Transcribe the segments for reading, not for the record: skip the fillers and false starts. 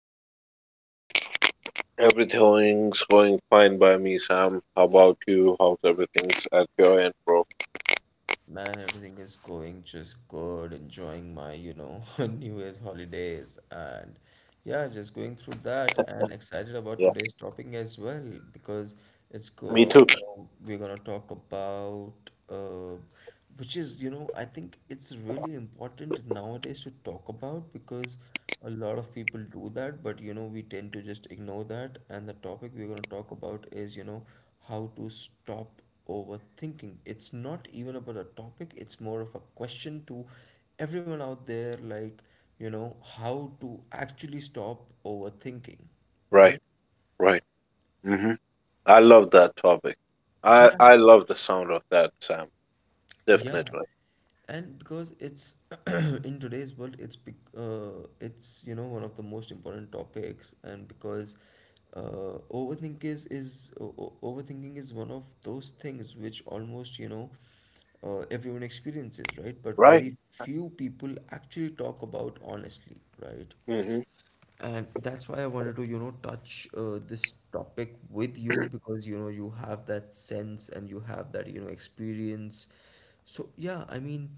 with you, buddy? Everything's going fine by me, Sam. How about you? How's everything's at your end, bro? Man, everything is going just good, enjoying my, New Year's holidays and yeah, just going through that and excited about Yeah, today's topic as well because it's me go, too. you know, we're gonna talk about uh, which is, I think it's really important nowadays to talk about, because a lot of people do that, but we tend to just ignore that. And the topic we're gonna talk about is, how to stop overthinking. It's not even about a topic, it's more of a question to everyone out there, like, how to actually stop overthinking, right? Right, right. hmm I love that topic. I Yeah. I love the sound of that, Sam. Yeah, Definitely. and because it's in today's world, it's one of the most important topics, and because overthinking is one of those things which, almost, everyone experiences, right? But Right. very few people actually talk about honestly, right? Hmm. And that's why I wanted to, touch this topic with you, because, you have that sense and you have that, experience. So yeah, I mean,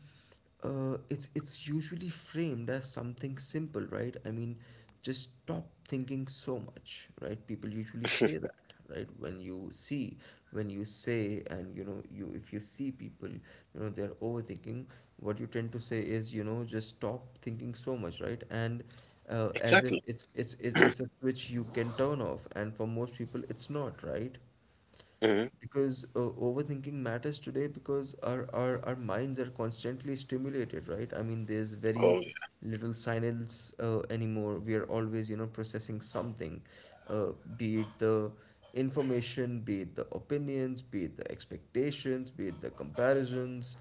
it's usually framed as something simple, right? I mean, just stop thinking so much, right? People usually say that, right? When you see, when you say, and you if you see people, they're overthinking. What you tend to say is, just stop thinking so much, right? And as if Exactly. it's a switch you can turn off, and for most people it's not, right? Hmm. Because overthinking matters today, because our minds are constantly stimulated, right? I mean, there's very Oh, little silence anymore. We are always processing something uh, be it the information, be it the opinions, be it the expectations, be it the comparisons.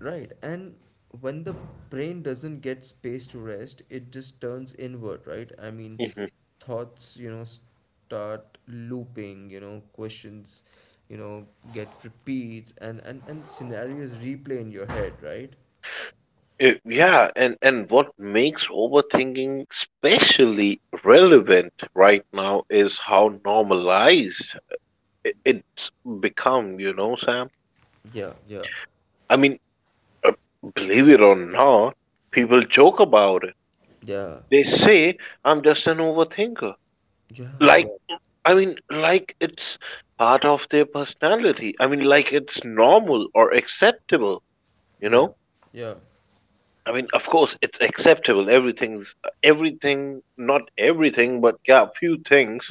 Right, and when the brain doesn't get space to rest, it just turns inward, right? I mean, yeah. Thoughts, start looping, questions, you know, get repeats, and scenarios replay in your head, right? Yeah, and what makes overthinking especially relevant right now is how normalized it's become, you know, Sam. yeah, yeah, I mean, Uh, believe it or not, people joke about it. yeah, They say, I'm just an overthinker. Like, yeah, I mean, like it's part of their personality. I mean, like it's normal or acceptable, you yeah, know? yeah, I mean, of course, it's acceptable. Everything's everything, not everything, but yeah, few things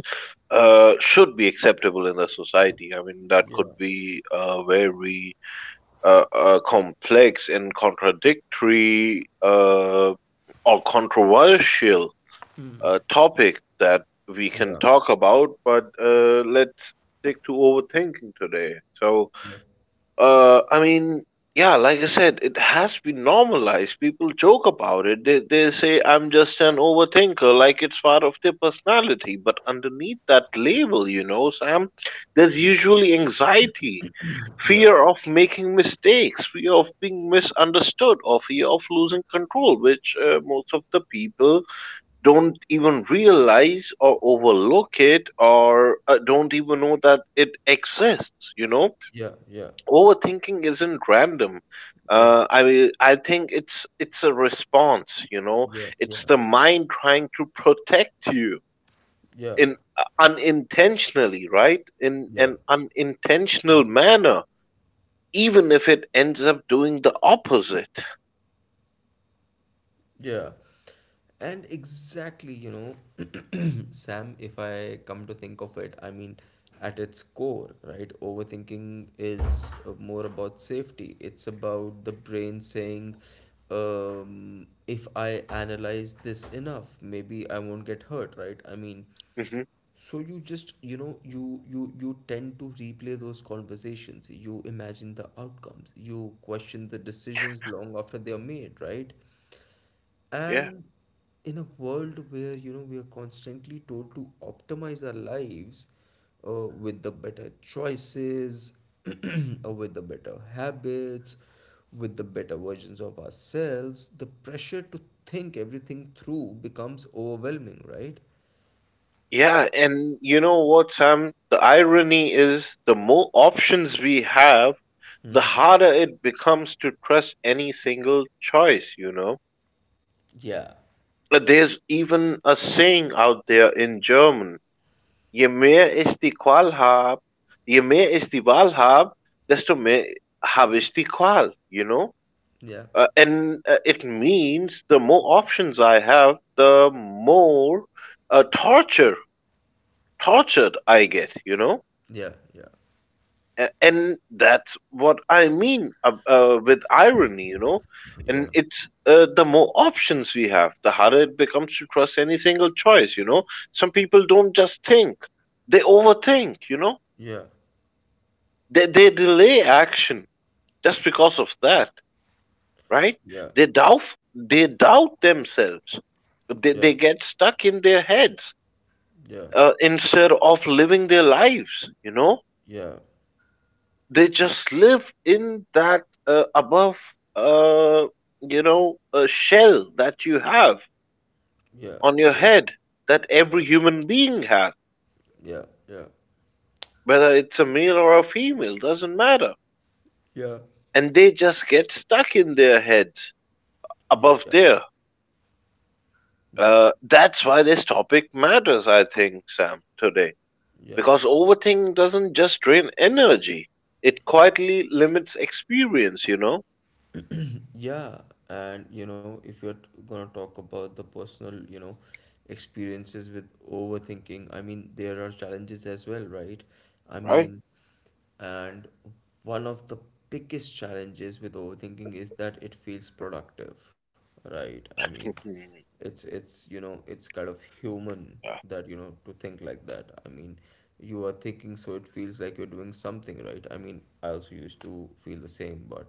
should be acceptable in the society. I mean, that yeah, could be very, complex and contradictory, or controversial, topic that we can yeah, talk about, but let's stick to overthinking today. So, yeah, I mean, yeah, like I said, it has been normalized. People joke about it. They say, I'm just an overthinker, like it's part of their personality. But underneath that label, you know, Sam, there's usually anxiety, yeah, fear of making mistakes, fear of being misunderstood, or fear of losing control, which most of the people don't even realize or overlook it or don't even know that it exists, you know. yeah, yeah, yeah, Overthinking isn't random. I mean, I think it's a response, you know. yeah, yeah, It's yeah, the mind trying to protect you yeah, in, unintentionally, right? In yeah. an unintentional manner, even if it ends up doing the opposite. Yeah. And exactly, know, Sam, if I come to think of it, I mean, at its core, right? Overthinking is more about safety. It's about the brain saying, if I analyze this enough, maybe I won't get hurt, right? I mean, Hmm, so you just, you tend to replay those conversations. You imagine the outcomes. You question the decisions long after they are made, right? yeah. And in a world where we are constantly told to optimize our lives with the better choices, or with the better habits, with the better versions of ourselves, the pressure to think everything through becomes overwhelming, right? Yeah, and you know what, Sam? The irony is the more options we have, the Mm-hmm. harder it becomes to trust any single choice, you know? Yeah, There's even a saying out there in German: Je mehr ich die Qual hab, je mehr ich die Wahl hab, desto mehr habe ich die Qual, you know? yeah, And it means the more options I have, the more uh, torture tortured I get, you know. yeah, yeah, And that's what I mean, with irony. You know, and it's, the more options we have, the harder it becomes to trust any single choice. You know, some people don't just think; they overthink, you know. yeah, They delay action just because of that, right? yeah, They doubt, they doubt themselves. yeah, They, yeah, they get stuck in their heads, yeah, yeah, yeah, yeah, yeah, instead of living their lives, you know? They just live in that, above, uh, you know, a shell that you have on your head that every human being has, yeah, yeah, whether it's a male or a female, doesn't matter. yeah, And they just get stuck in their heads yeah, above there. yeah, That's why this topic matters, I think, Sam, today. yeah. Because overthinking doesn't just drain energy, it quietly limits experience, you know? Yeah, and if you're gonna talk about the personal, experiences with overthinking, I mean, there are challenges as well, right? I Right? mean, and one of the biggest challenges with overthinking is that it feels productive, right? I mean, Mm, it's it's kind of human yeah. that, to think like that. I mean, you are thinking, so it feels like you're doing something, right? I mean, I also used to feel the same, but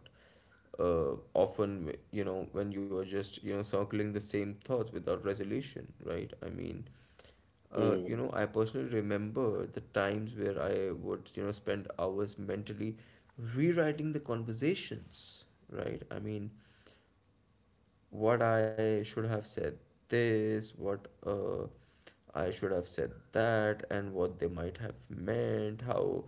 often, when you are just circling the same thoughts without resolution, right? I mean, Mm, I personally remember the times where I would spend hours mentally rewriting the conversations, right? I mean, what I should have said this, what I should have said that, and what they might have meant, how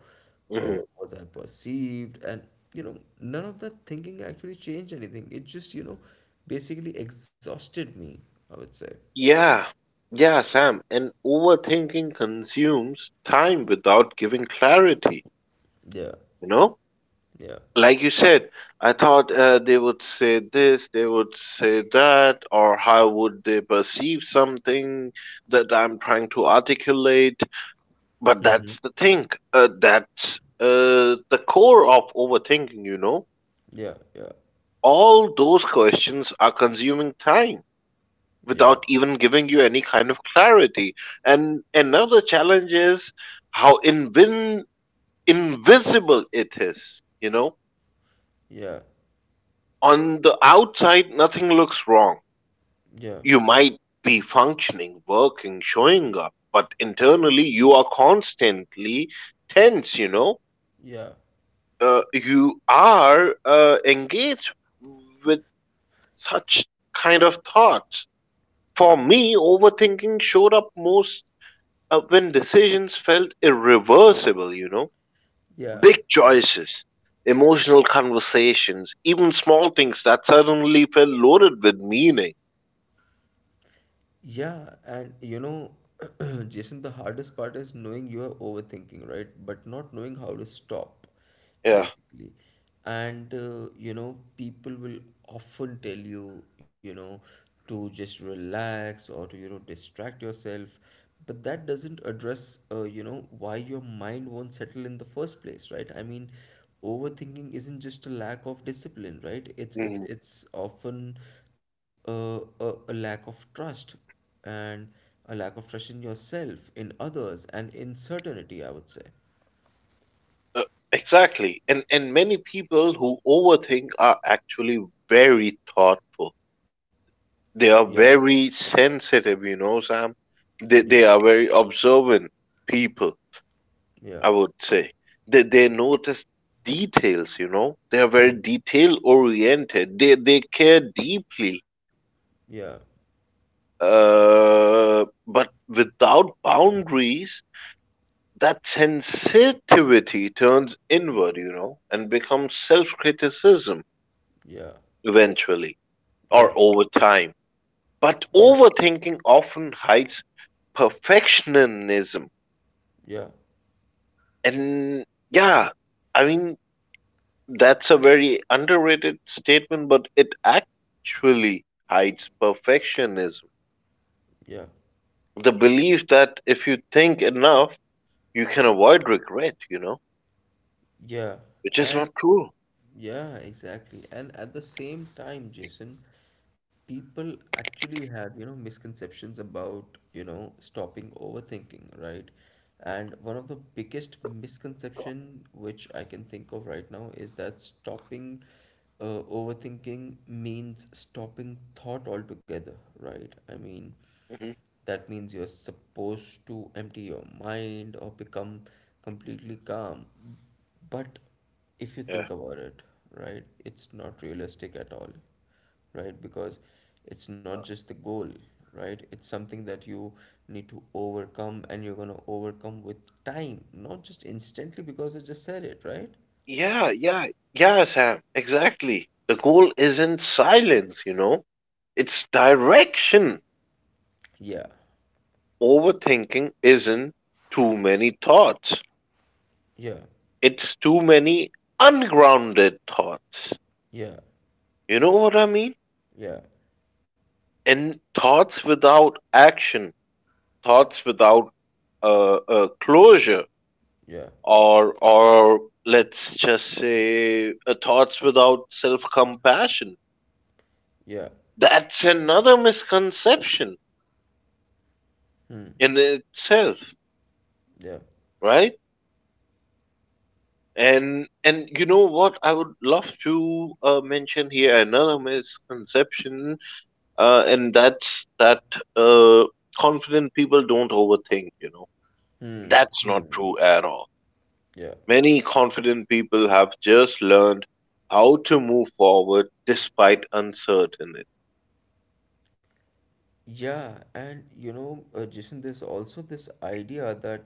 mhm. was I perceived, and none of that thinking actually changed anything. It just, basically exhausted me, I would say. Yeah. Yeah, Sam. And overthinking consumes time without giving clarity, Yeah, you know? yeah, Like you said, I thought they would say this, they would say that, or how would they perceive something that I'm trying to articulate? But that's the thing. That's the core of overthinking, you know. yeah, yeah, All those questions are consuming time yeah, without even giving you any kind of clarity. And another challenge is how invisible it is, you know. yeah, On the outside, nothing looks wrong. yeah, You might be functioning, working, showing up, but internally, you are constantly tense, you know. yeah, You are, engaged with such kind of thoughts. For me, overthinking showed up most when decisions felt irreversible, you know, yeah, big yeah. choices, emotional conversations, even small things that suddenly felt loaded with meaning. Yeah, and Jason, the hardest part is knowing you are overthinking, right? But not knowing how to stop, Yeah. basically. And people will often tell you, to just relax, or to, distract yourself. But that doesn't address, why your mind won't settle in the first place, right? I mean, overthinking isn't just a lack of discipline, right? It's it's Mhm. it's often a lack of trust, and a lack of trust in yourself, in others, and in certainty, I would say. Uh, exactly. And many people who overthink are actually very thoughtful. They are Yeah, very sensitive, you know, Sam. They yeah, they are very observant people, yeah, I would say. They notice details, you know. They are very detail oriented. They care deeply. yeah, But without boundaries, that sensitivity turns inward, you know, and becomes self-criticism yeah, eventually or yeah, over time. But yeah, overthinking often hides perfectionism. yeah, And yeah, I mean, that's a very underrated statement, but it actually hides perfectionism. yeah. The belief that if you think enough, you can avoid regret, you know, Yeah, which is not and true. yeah, exactly. And at the same time, Jason, people actually have, misconceptions about, stopping overthinking, right? And one of the biggest misconception, which I can think of right now, is that stopping overthinking means stopping thought altogether, right? I mean, Hmm, that means you're supposed to empty your mind, or become completely calm. But if you yeah. think about it, right, it's not realistic at all, right? Because it's not Uh, just the goal, right? It's something that you need to overcome, and you're going to overcome with time, not just instantly because I just said it, right? Yeah, yeah, yeah, Sam, exactly. The goal isn't silence, you know, it's direction. Yeah, Overthinking isn't too many thoughts, yeah, it's too many ungrounded thoughts. yeah, You know what I mean? yeah, And thoughts without action, thoughts without closure, yeah, or let's just say thoughts without self compassion. yeah, That's another misconception hmm, in itself, yeah, right? And you know what? I would love to mention here another misconception, and that's that uh, confident people don't overthink. You know, hmm, that's not hmm, true at all. yeah. Many confident people have just learned how to move forward despite uncertainty. Yeah, and Jason, there's also this idea that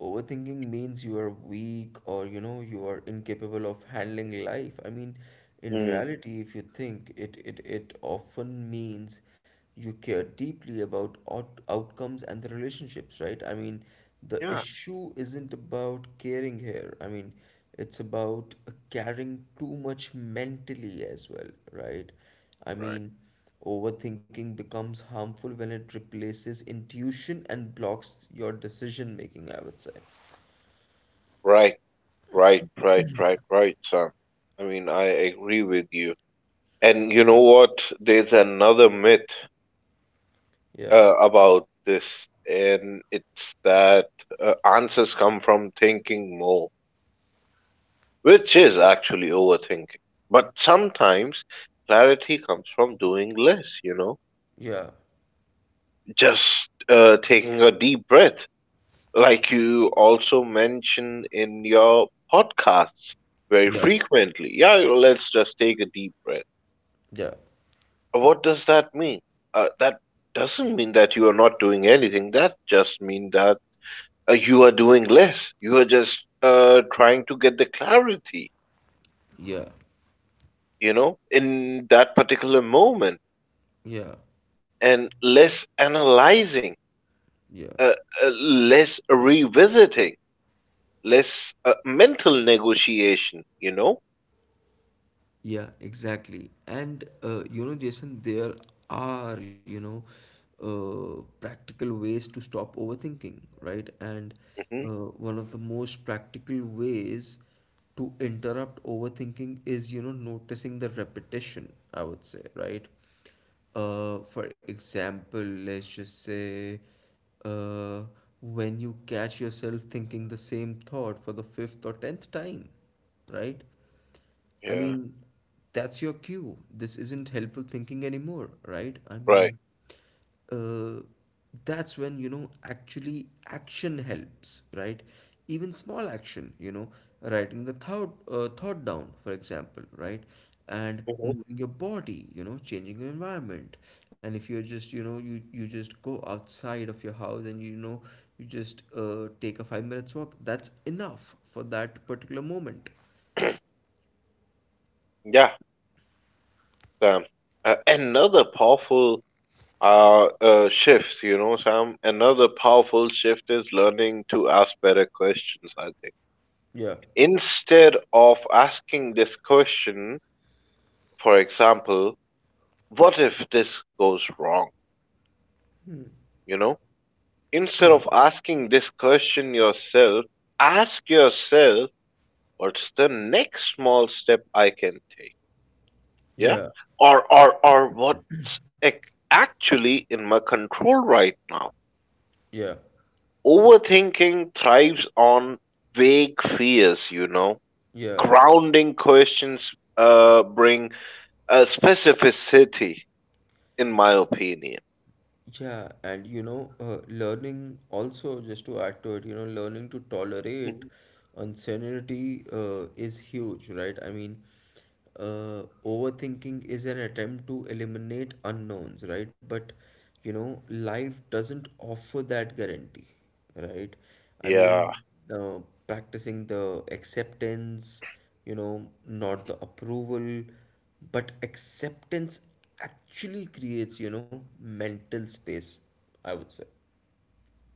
overthinking means you are weak, or you are incapable of handling life. I mean, in Mm, reality, if you think it often means you care deeply about outcomes and the relationships, right? I mean, the yeah, issue isn't about caring here. I mean, it's about caring too much mentally as well, right? I right. mean. Overthinking becomes harmful when it replaces intuition and blocks your decision making, I would say. Right, right, right, right, right, Sam. I mean, I agree with you. And you know Yeah. what? There's another myth Yeah. About this, and it's that answers come from thinking more, which is actually overthinking. But sometimes clarity comes from doing less, you know? Yeah. Just taking a deep breath, like you also mention in your podcasts very Yeah. frequently. Yeah, let's just take a deep breath. Yeah. What does that mean? That doesn't mean that you are not doing anything. That just means that you are doing less. You are just trying to get the clarity, Yeah. you know, in that particular moment Yeah. and less analyzing, Yeah. uh, less revisiting, less mental negotiation, you know? Yeah, exactly. And Jason, there are, practical ways to stop overthinking, right? And Hmm, one of the most practical ways to interrupt overthinking is, noticing the repetition, I would say, right? For example, let's just say uh, when you catch yourself thinking the same thought for the fifth or tenth time, right? I yeah, mean, that's your cue. This isn't helpful thinking anymore, right? I mean, right. uh, that's when, actually, action helps, right? Even small action, writing the thought down, for example, right? And Hmm, moving your body, changing your environment. And if you're just, you just go outside of your house, and, you just take a 5 minutes walk. That's enough for that particular moment. yeah, Sam. Another powerful shift, you know, Sam. Another powerful shift is learning to ask better questions. I think Yeah. instead of asking this question, for example, what if this goes wrong? You know, instead Yeah. of asking this question yourself, ask yourself, what's the next small step I can take? Yeah, Yeah, or what's actually in my control right now? yeah, Overthinking thrives on vague fears. You know, yeah, grounding questions bring specificity, in my opinion. yeah. And learning also, just to add to it, learning to tolerate Mhm. uncertainty is huge, right? I mean, overthinking is an attempt to eliminate unknowns, right? But life doesn't offer that guarantee, right? I Yeah. mean, uh, practicing the acceptance, not the approval, but acceptance actually creates, mental space, I would say.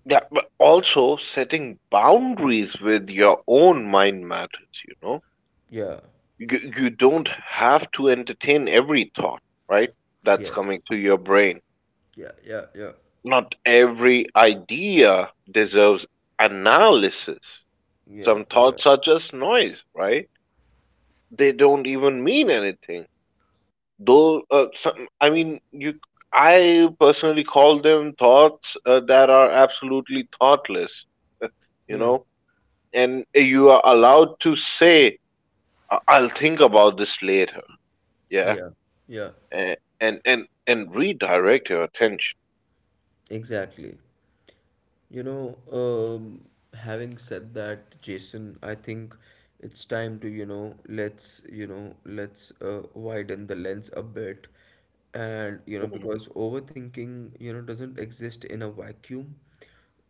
Yeah, but also setting boundaries with your own mind matters, you know. Yeah, You don't have to entertain every thought, right? That's coming yes, to your brain. yeah, yeah, yeah, Not every idea deserves analysis. yeah, Some yeah, thoughts are just noise, right? They don't even mean anything. Though, some, I mean, I personally call them thoughts that are absolutely thoughtless. You yeah, know, and you are allowed to say, I'll think about this later." Yeah, yeah, yeah, and redirect your attention. exactly. You know, um, having said that, Jason, I think it's time to, let's, you know, let's widen the lens a bit. And, Mhm. because overthinking, doesn't exist in a vacuum.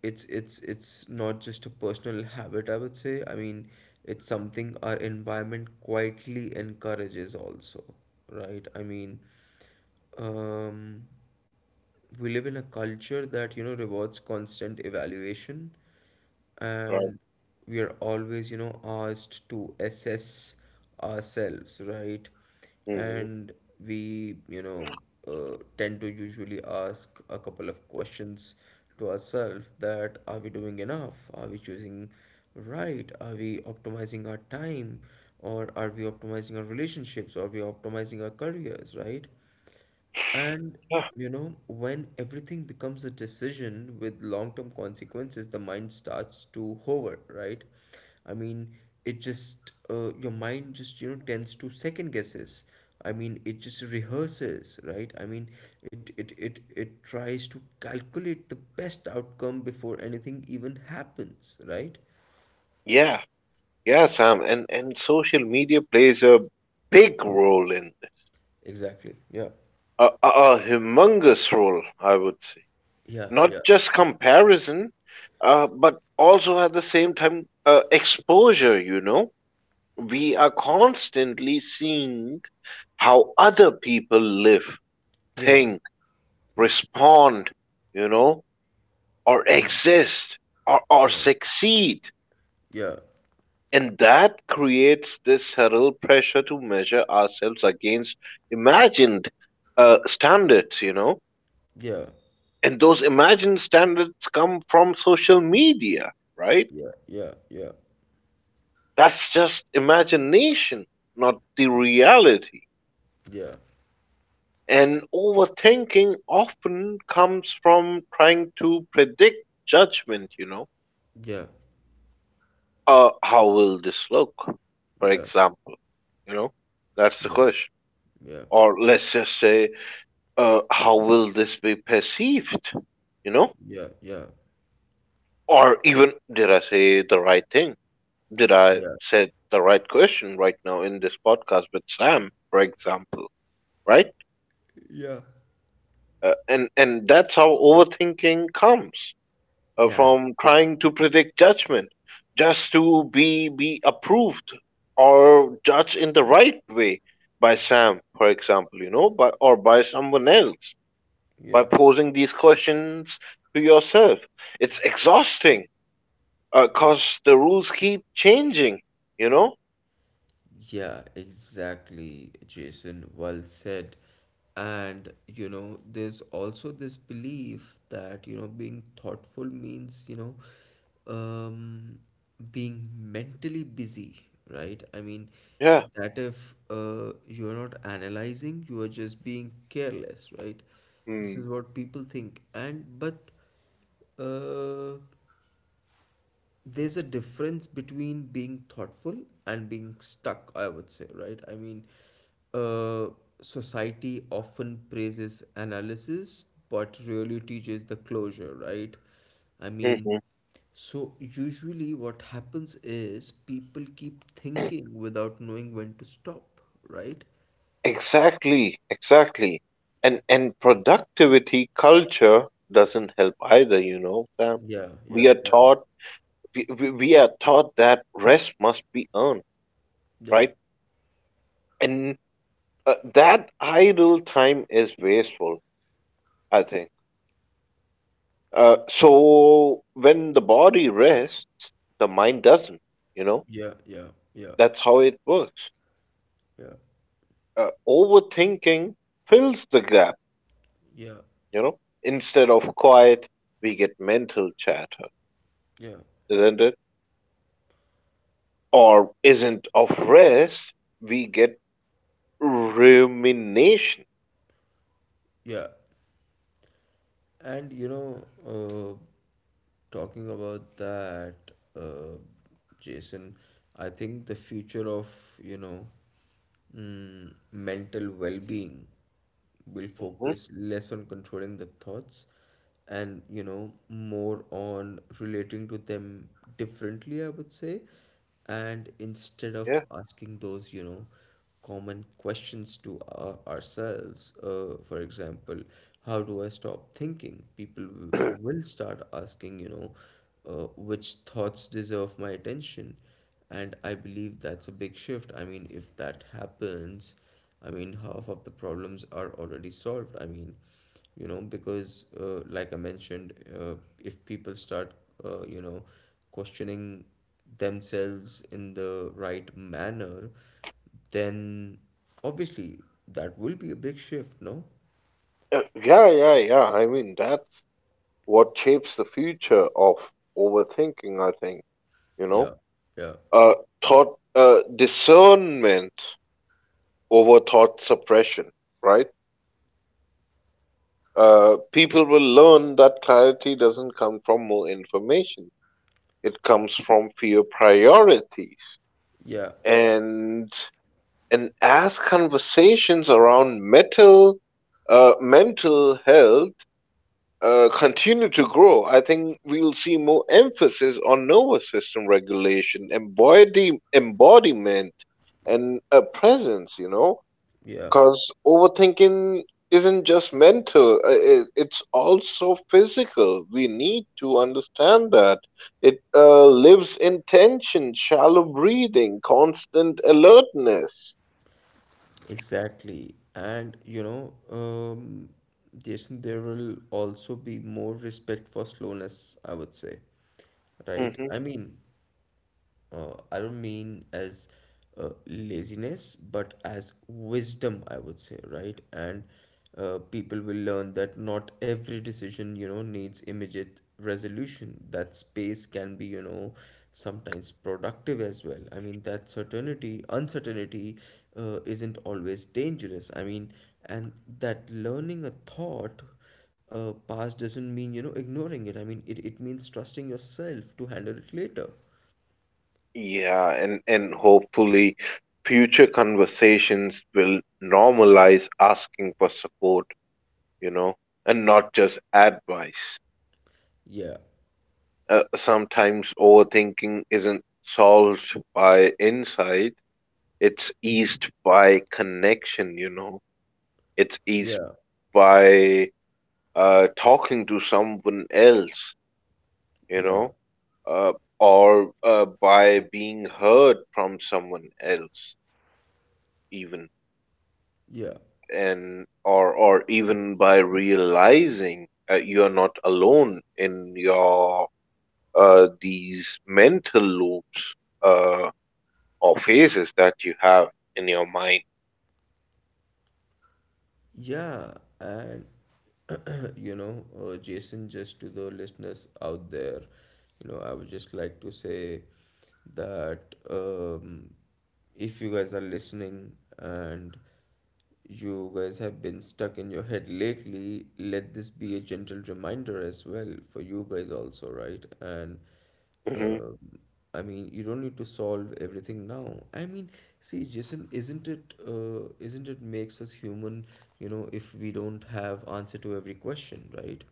It's not just a personal habit, I would say. I mean, it's something our environment quietly encourages also, right? I mean, um we live in a culture that rewards constant evaluation, Right. and we are always asked to assess ourselves, right? Hmm. And we tend to usually ask a couple of questions to ourselves, that are we doing enough, are we choosing right, are we optimizing our time, or are we optimizing our relationships, or are we optimizing our careers, right? And Yeah, when everything becomes a decision with long term consequences, the mind starts to hover, right? I mean, it just, your mind just, tends to second guesses. I mean, it just rehearses, right? I mean, it tries to calculate the best outcome before anything even happens, right? yeah, yeah, Sam, and social media plays a big role in this. Exactly. Yeah. A humongous role, I would say. Yeah, Not yeah, just comparison, but also at the same time, exposure, you know, we are constantly seeing how other people live, yeah, think, respond, you know, or exist, or yeah, succeed. yeah, And that creates this subtle pressure to measure ourselves against imagined, standards, you know. yeah, And those imagined standards come from social media, right? yeah, yeah, yeah, That's just imagination, not the reality. yeah. And overthinking often comes from trying to predict judgment, you know. Yeah, How will this look? For yeah, example, you know, that's the yeah, question. yeah, Or let's just say, how will this be perceived? You know, yeah, yeah, or even did I say the right thing? Did I yeah, said the right question right now in this podcast with Sam, for example, right? yeah. And that's how overthinking comes, Yeah, from trying to predict judgment just to be approved or judged in the right way by Sam, for example, you know, by or by someone else, by yeah. posing these questions to yourself. It's exhausting because the rules keep changing, you know. Yeah, exactly, Jason. Well said. And, there's also this belief that, being thoughtful means, um, being mentally busy, right? I mean, Yeah. that if you're not analyzing, you are just being careless, right? This Mm. is what people think. And, but, uh, there's a difference between being thoughtful and being stuck, I would say, right? I mean, uh, society often praises analysis but really teaches the closure, right? I Hmm. mean, Mm-hmm. so usually what happens is people keep thinking without knowing when to stop, right? Exactly. Exactly. And productivity culture doesn't help either, you know, Sam. Yeah, yeah, We are yeah, taught we are taught that rest must be earned, yeah, right? And that idle time is wasteful, I think. So when the body rests, the mind doesn't, you know? yeah, yeah, yeah, That's how it works. Overthinking fills the gap, yeah, yeah, you know? Instead of quiet, we get mental chatter, yeah, isn't it? Or isn't of rest, we get rumination. yeah. And you know, uh. Talking about that, uh, Jason, I think the future of, you know, mental well-being will Mhm. focus less on controlling the thoughts, and you know, more on relating to them differently, I would say. And instead of Yeah. asking those, you know, common questions to ourselves, for example, how do I stop thinking, people will start asking, you know, which thoughts deserve my attention. And I believe that's a big shift. I mean, if that happens, I mean, half of the problems are already solved. I mean, you know, because like I mentioned, uh, if people start, you know, questioning themselves in the right manner, then obviously that will be a big shift, no? Yeah, yeah, yeah. I mean, that's what shapes the future of overthinking, I think, you Yeah, know. yeah, Uh, Thought, discernment over thought suppression, right? People will learn that clarity doesn't come from more information. It comes from fewer priorities. yeah, And and as conversations around metal, mental health continue to grow, I think we'll see more emphasis on nervous system regulation, embody, embodiment, and presence. You know, yeah. because overthinking isn't just mental, it's also physical. We need to understand that. It lives in tension, shallow breathing, constant alertness. Exactly. And you know, Jason, there will also be more respect for slowness, I would say, right? Hmm, I mean, I don't mean as laziness, but as wisdom, I would say, right? And people will learn that not every decision, you know, needs immediate resolution. That space can be, you know, sometimes productive as well. I mean, that certainty, uncertainty isn't always dangerous. I mean, and that learning a thought past doesn't mean, you know, ignoring it. I mean, it means trusting yourself to handle it later. yeah, and hopefully, future conversations will normalize asking for support, you know, and not just advice. Yeah, Sometimes overthinking isn't solved by insight. It's eased by connection, you know. It's eased yeah, by talking to someone else, you yeah, know, uh, or by being heard from someone else, even, yeah, and or even by realizing you are not alone in your, these mental loops, uh, or phases that you have in your mind. yeah. And you know, Jason, just to the listeners out there, you know, I would just like to say that, if you guys are listening and you guys have been stuck in your head lately, let this be a gentle reminder as well for you guys also, right? And Hmm, Uh, I mean, you don't need to solve everything now. I mean, see, Jason, isn't it, makes us human, you know, if we don't have answer to every question, right?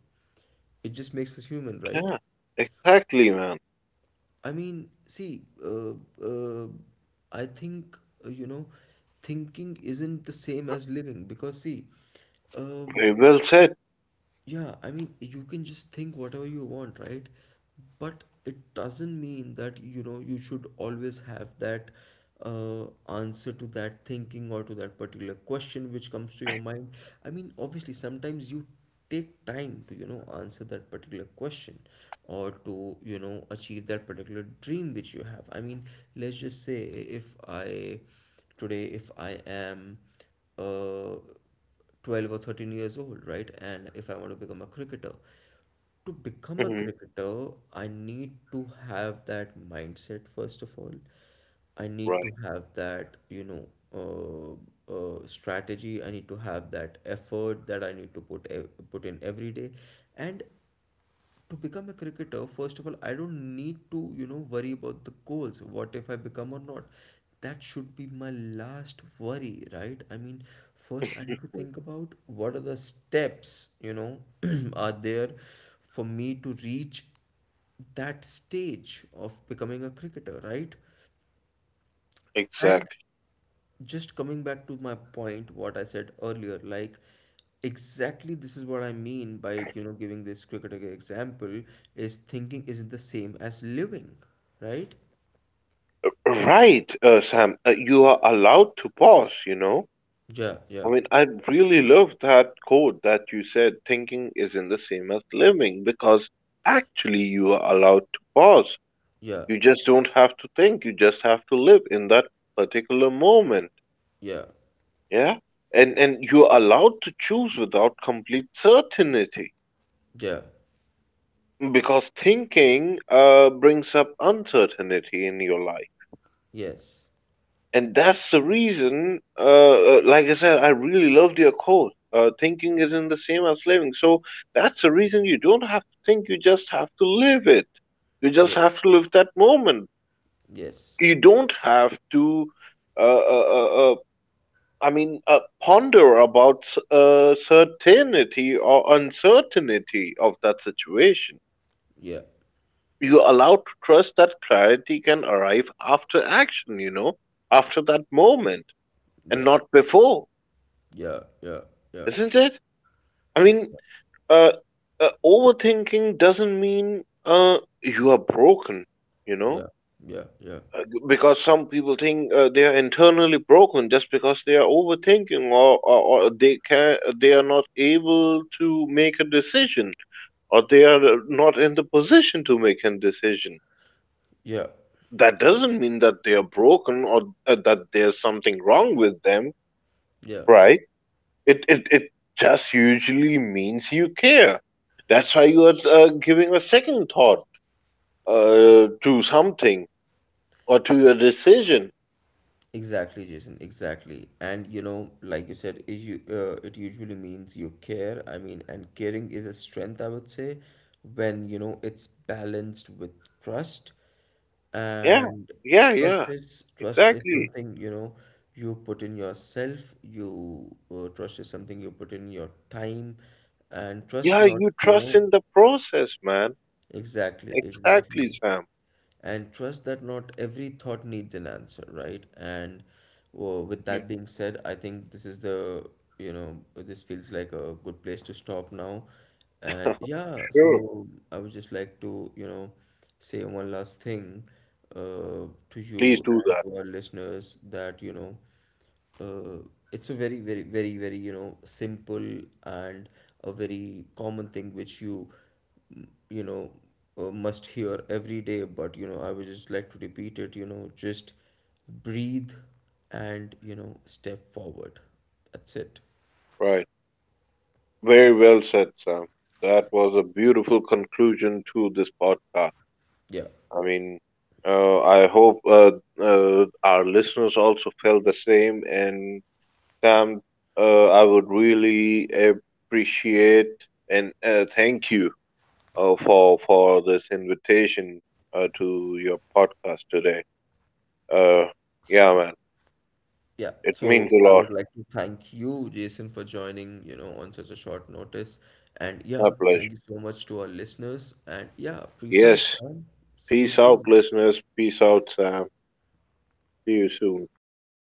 It just makes us human, right? yeah, exactly, man. I mean, see, uh, I think, you know, thinking isn't the same as living because, see, um, Very well said. yeah, I mean, you can just think whatever you want, right? But it doesn't mean that, you know, you should always have that answer to that thinking or to that particular question which comes to your mind. I mean, obviously, sometimes you take time to, you know, answer that particular question or to, you know, achieve that particular dream which you have. I mean, let's just say if if I am uh, 12 or 13 years old, right? And if I want to become a cricketer, to become a Mhm. cricketer, I need to have that mindset first of all. I need to Right. have that, you know, strategy. I need to have that effort that I need to put ev put in every day, and to become a cricketer, first of all, I don't need to, you know, worry about the goals, what if I become or not. That should be my last worry, right? I mean, first I need to Mm. think about what are the steps, you know, are there for me to reach that stage of becoming a cricketer, right? And Exactly. just coming back to my point, what I said earlier, like, exactly, this is what I mean by, you know, giving this cricket example, is thinking isn't the same as living, right? Right, Sam. You are allowed to pause, you know? Yeah, I yeah, mean, I really love that quote that you said thinking isn't the same as living because actually you are allowed to pause. yeah, You just don't have to think, you just have to live in that particular moment. yeah, Yeah? And you're allowed to choose without complete certainty yeah. because thinking brings up uncertainty in your life. Yes, And that's the reason, like I said, I really loved your quote. Thinking isn't the same as living. So that's the reason you don't have to think, you just have to live it. You just have yes, to live that moment. yes. You don't have to, uh, uh, uh, uh, I mean, ponder about certainty or uncertainty of that situation. Yeah, You're allowed to trust that clarity can arrive after action, you know, after that moment, and yeah, not before. yeah, yeah, yeah, Isn't it? I mean, uh, overthinking doesn't mean you are broken, you know? yeah, yeah, yeah, Because some people think they are internally broken just because they are overthinking, or they are not able to make a decision or they are not in the position to make a decision. yeah, yeah, That doesn't mean that they are broken or that there's something wrong with them, yeah. right? It just usually means you care. That's why you are giving a second thought to something or to your decision. Exactly, Jason. Exactly. And you know, like you said, it usually means you care. I mean, and caring is a strength, I would say, when you know it's balanced with trust. Yeah, And yeah, yeah. Trust is Exactly. something, you know, you put in yourself. You trust is something you put in your time, and trust Yeah, not, you you trust know. in the process, man. Exactly, Exactly, exactly. Sam. And trust that not every thought needs an answer, right? And well, with Mm. that being said, I think this is the, you know, this feels like a good place to stop now. And yeah, Sure. so I would just like to, you know, say one last thing to Please you do and that. to our listeners that, you know, uh, it's a very very very very, you know, simple and a very common thing which you, you know, must hear every day, but you know, I would just like to repeat it, you know, just breathe and you know, step forward. That's it. Right. Very well said, Sam. That was a beautiful conclusion to this podcast. Yeah, I mean, I hope our listeners also felt the same. And Sam, I would really appreciate and thank you for this invitation to your podcast today. Uh, yeah, man, yeah. it means So a I lot. would like to thank you, Jason, for joining, you know, on such a short notice. And yeah, My thank pleasure. you so much to our listeners, and yeah, peace out, Yes. man. See you Peace out, soon. listeners. Peace out, Sam. See you soon.